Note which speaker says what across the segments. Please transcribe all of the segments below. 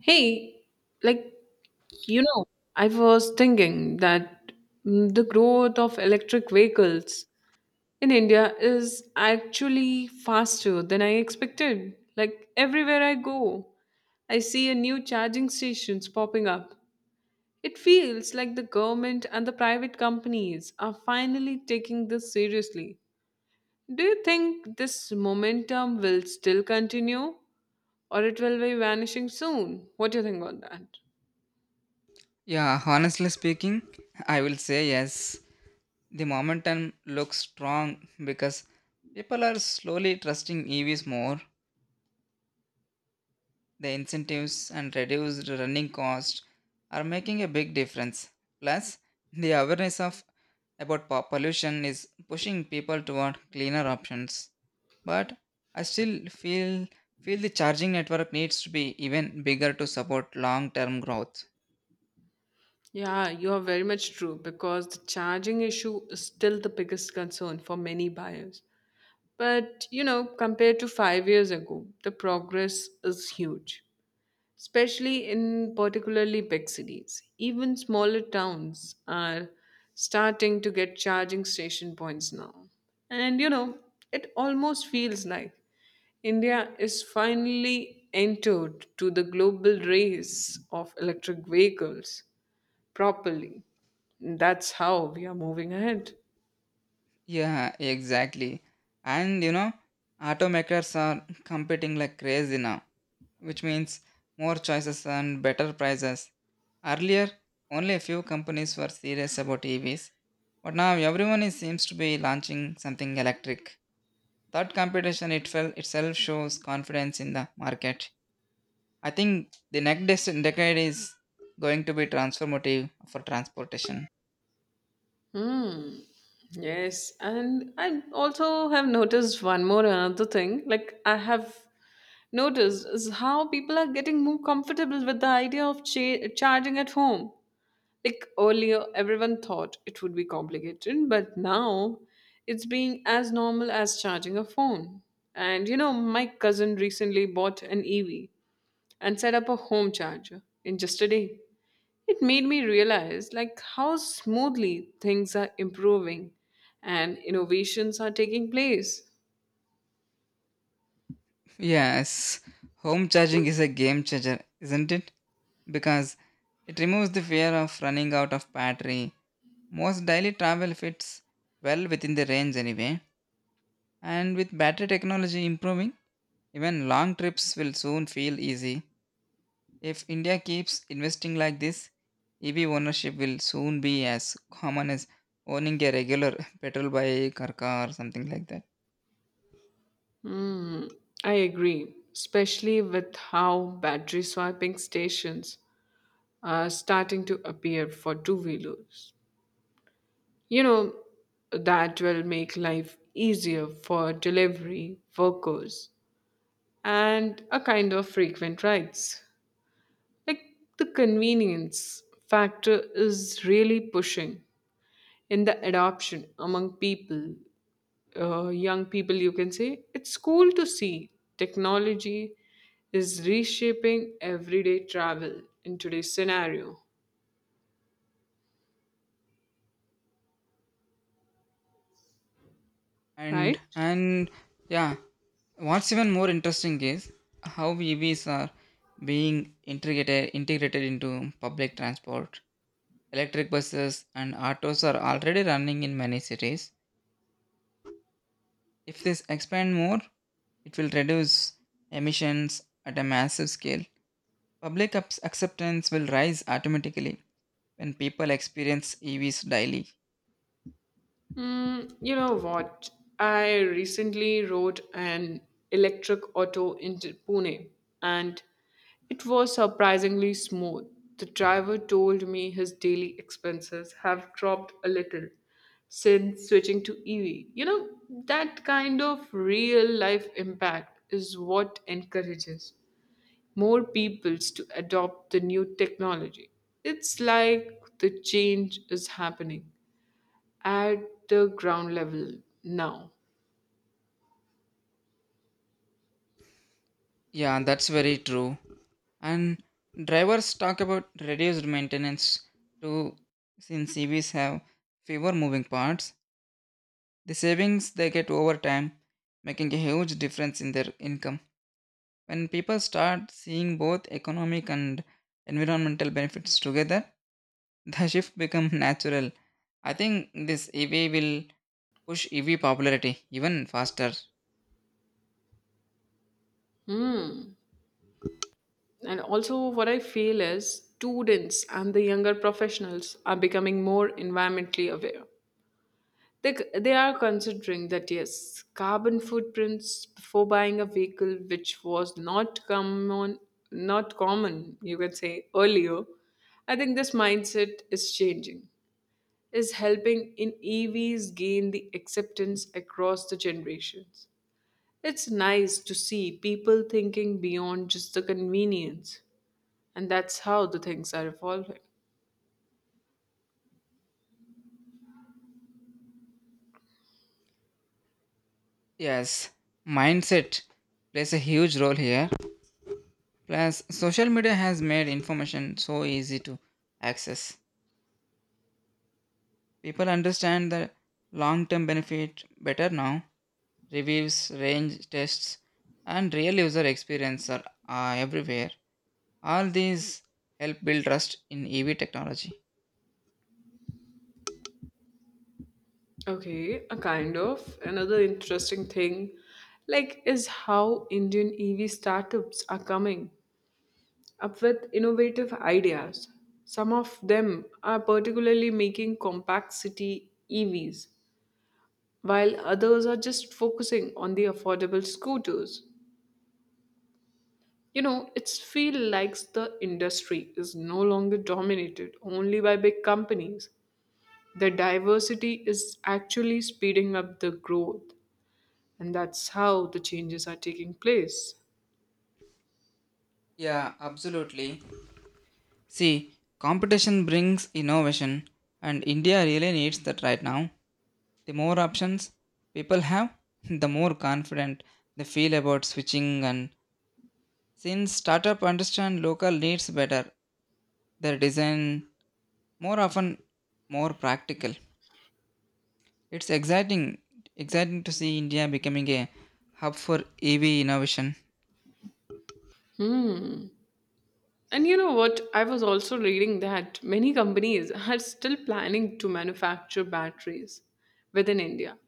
Speaker 1: Hey, like, you know, I was thinking that the growth of electric vehicles in India is actually faster than I expected. Like, everywhere I go, I see a new charging stations popping up. It feels like the government and the private companies are finally taking this seriously. Do you think this momentum will still continue, or it will be vanishing soon? What do you think on that?
Speaker 2: Yeah, honestly speaking, I will say yes. The momentum looks strong because people are slowly trusting EVs more. The incentives and reduced running costs are making a big difference. Plus, the awareness of pollution is pushing people toward cleaner options. But I still feel the charging network needs to be even bigger to support long-term growth.
Speaker 1: Yeah, you are very much true because the charging issue is still the biggest concern for many buyers. But, you know, compared to 5 years ago, the progress is huge, especially in particularly big cities. Even smaller towns are starting to get charging station points now. And, you know, it almost feels like India is finally entered to the global race of electric vehicles properly. That's how we are moving ahead.
Speaker 2: Yeah, exactly. And you know, automakers are competing like crazy now, which means more choices and better prices. Earlier, only a few companies were serious about EVs, but now everyone is, seems to be launching something electric. That competition it felt itself shows confidence in the market. I think the next decade is going to be transformative for transportation.
Speaker 1: Hmm. Yes, and I also have noticed one more another thing. Like, I have noticed is how people are getting more comfortable with the idea of charging at home. Like earlier, everyone thought it would be complicated, but now it's being as normal as charging a phone. And you know, my cousin recently bought an EV and set up a home charger in just a day. It made me realize like how smoothly things are improving and innovations are taking place.
Speaker 2: Yes, home charging is a game changer, isn't it? Because it removes the fear of running out of battery. Most daily travel fits well within the range anyway, and with battery technology improving, even long trips will soon feel easy. If India keeps investing like this, EV ownership will soon be as common as owning a regular petrol bike or car or something like that.
Speaker 1: Hmm, I agree, especially with how battery swapping stations are starting to appear for two-wheelers. You know, that will make life easier for delivery workers and a kind of frequent rides. Like, the convenience factor is really pushing in the adoption among people, young people, you can say, it's cool to see technology is reshaping everyday travel in today's scenario,
Speaker 2: And
Speaker 1: right?
Speaker 2: and yeah, what's even more interesting is how EVs are being integrated into public transport. Electric buses and autos are already running in many cities. If this expand more, it will reduce emissions at a massive scale. Acceptance will rise automatically when people experience EVs daily.
Speaker 1: Mm, you know what? I recently rode an electric auto into Pune and it was surprisingly smooth. The driver told me his daily expenses have dropped a little since switching to EV. You know, that kind of real life impact is what encourages more peoples to adopt the new technology. It's like the change is happening at the ground level now.
Speaker 2: Yeah, that's very true. And drivers talk about reduced maintenance too, since EVs have fewer moving parts. The savings they get over time making a huge difference in their income. When people start seeing both economic and environmental benefits together, the shift becomes natural. I think this EV will push EV popularity even faster.
Speaker 1: Hmm. And also, what I feel is students and the younger professionals are becoming more environmentally aware. They are considering that yes, carbon footprints before buying a vehicle, which was not common, not common, you could say earlier. I think this mindset is changing, is helping in EVs gain the acceptance across the generations. It's nice to see people thinking beyond just the convenience, and that's how the things are evolving.
Speaker 2: Yes, mindset plays a huge role here. Plus, social media has made information so easy to access. People understand the long term benefit better now. Reviews, range tests, and real user experience are everywhere. All these help build trust in EV technology.
Speaker 1: Okay, a kind of another interesting thing like is how Indian EV startups are coming up with innovative ideas. Some of them are particularly making compact city EVs, while others are just focusing on the affordable scooters. You know, it's feel like the industry is no longer dominated only by big companies. The diversity is actually speeding up the growth, and that's how the changes are taking place.
Speaker 2: Yeah, absolutely. See, competition brings innovation, and India really needs that right now. The more options people have, the more confident they feel about switching, and since startup understand local needs better, their design more often more practical. It's exciting to see India becoming a hub for EV innovation.
Speaker 1: Hmm. And you know what? I was also reading that many companies are still planning to manufacture batteries within India,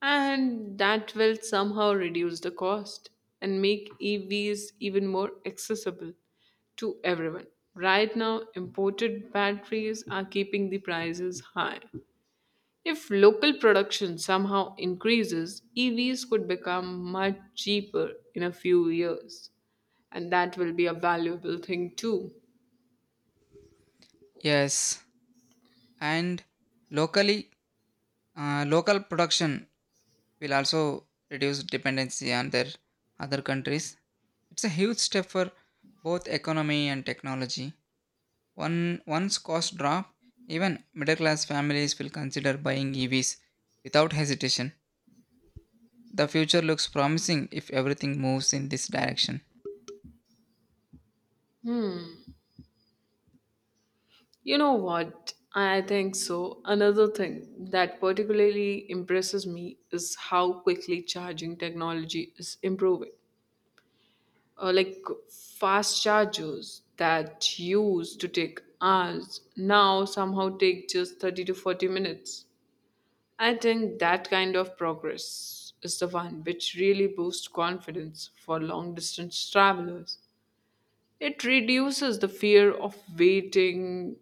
Speaker 1: and that will somehow reduce the cost and make EVs even more accessible to everyone. Right now, imported batteries are keeping the prices high. If local production somehow increases, EVs could become much cheaper in a few years, and that will be a valuable thing too.
Speaker 2: Yes, and locally local production will also reduce dependency on their other countries. It's a huge step for both economy and technology. Once costs drop, even middle class families will consider buying EVs without hesitation. The future looks promising if everything moves in this direction.
Speaker 1: You know what? I think so. Another thing that particularly impresses me is how quickly charging technology is improving. Like fast chargers that used to take hours now somehow take just 30 to 40 minutes. I think that kind of progress is the one which really boosts confidence for long distance travelers. It reduces the fear of waiting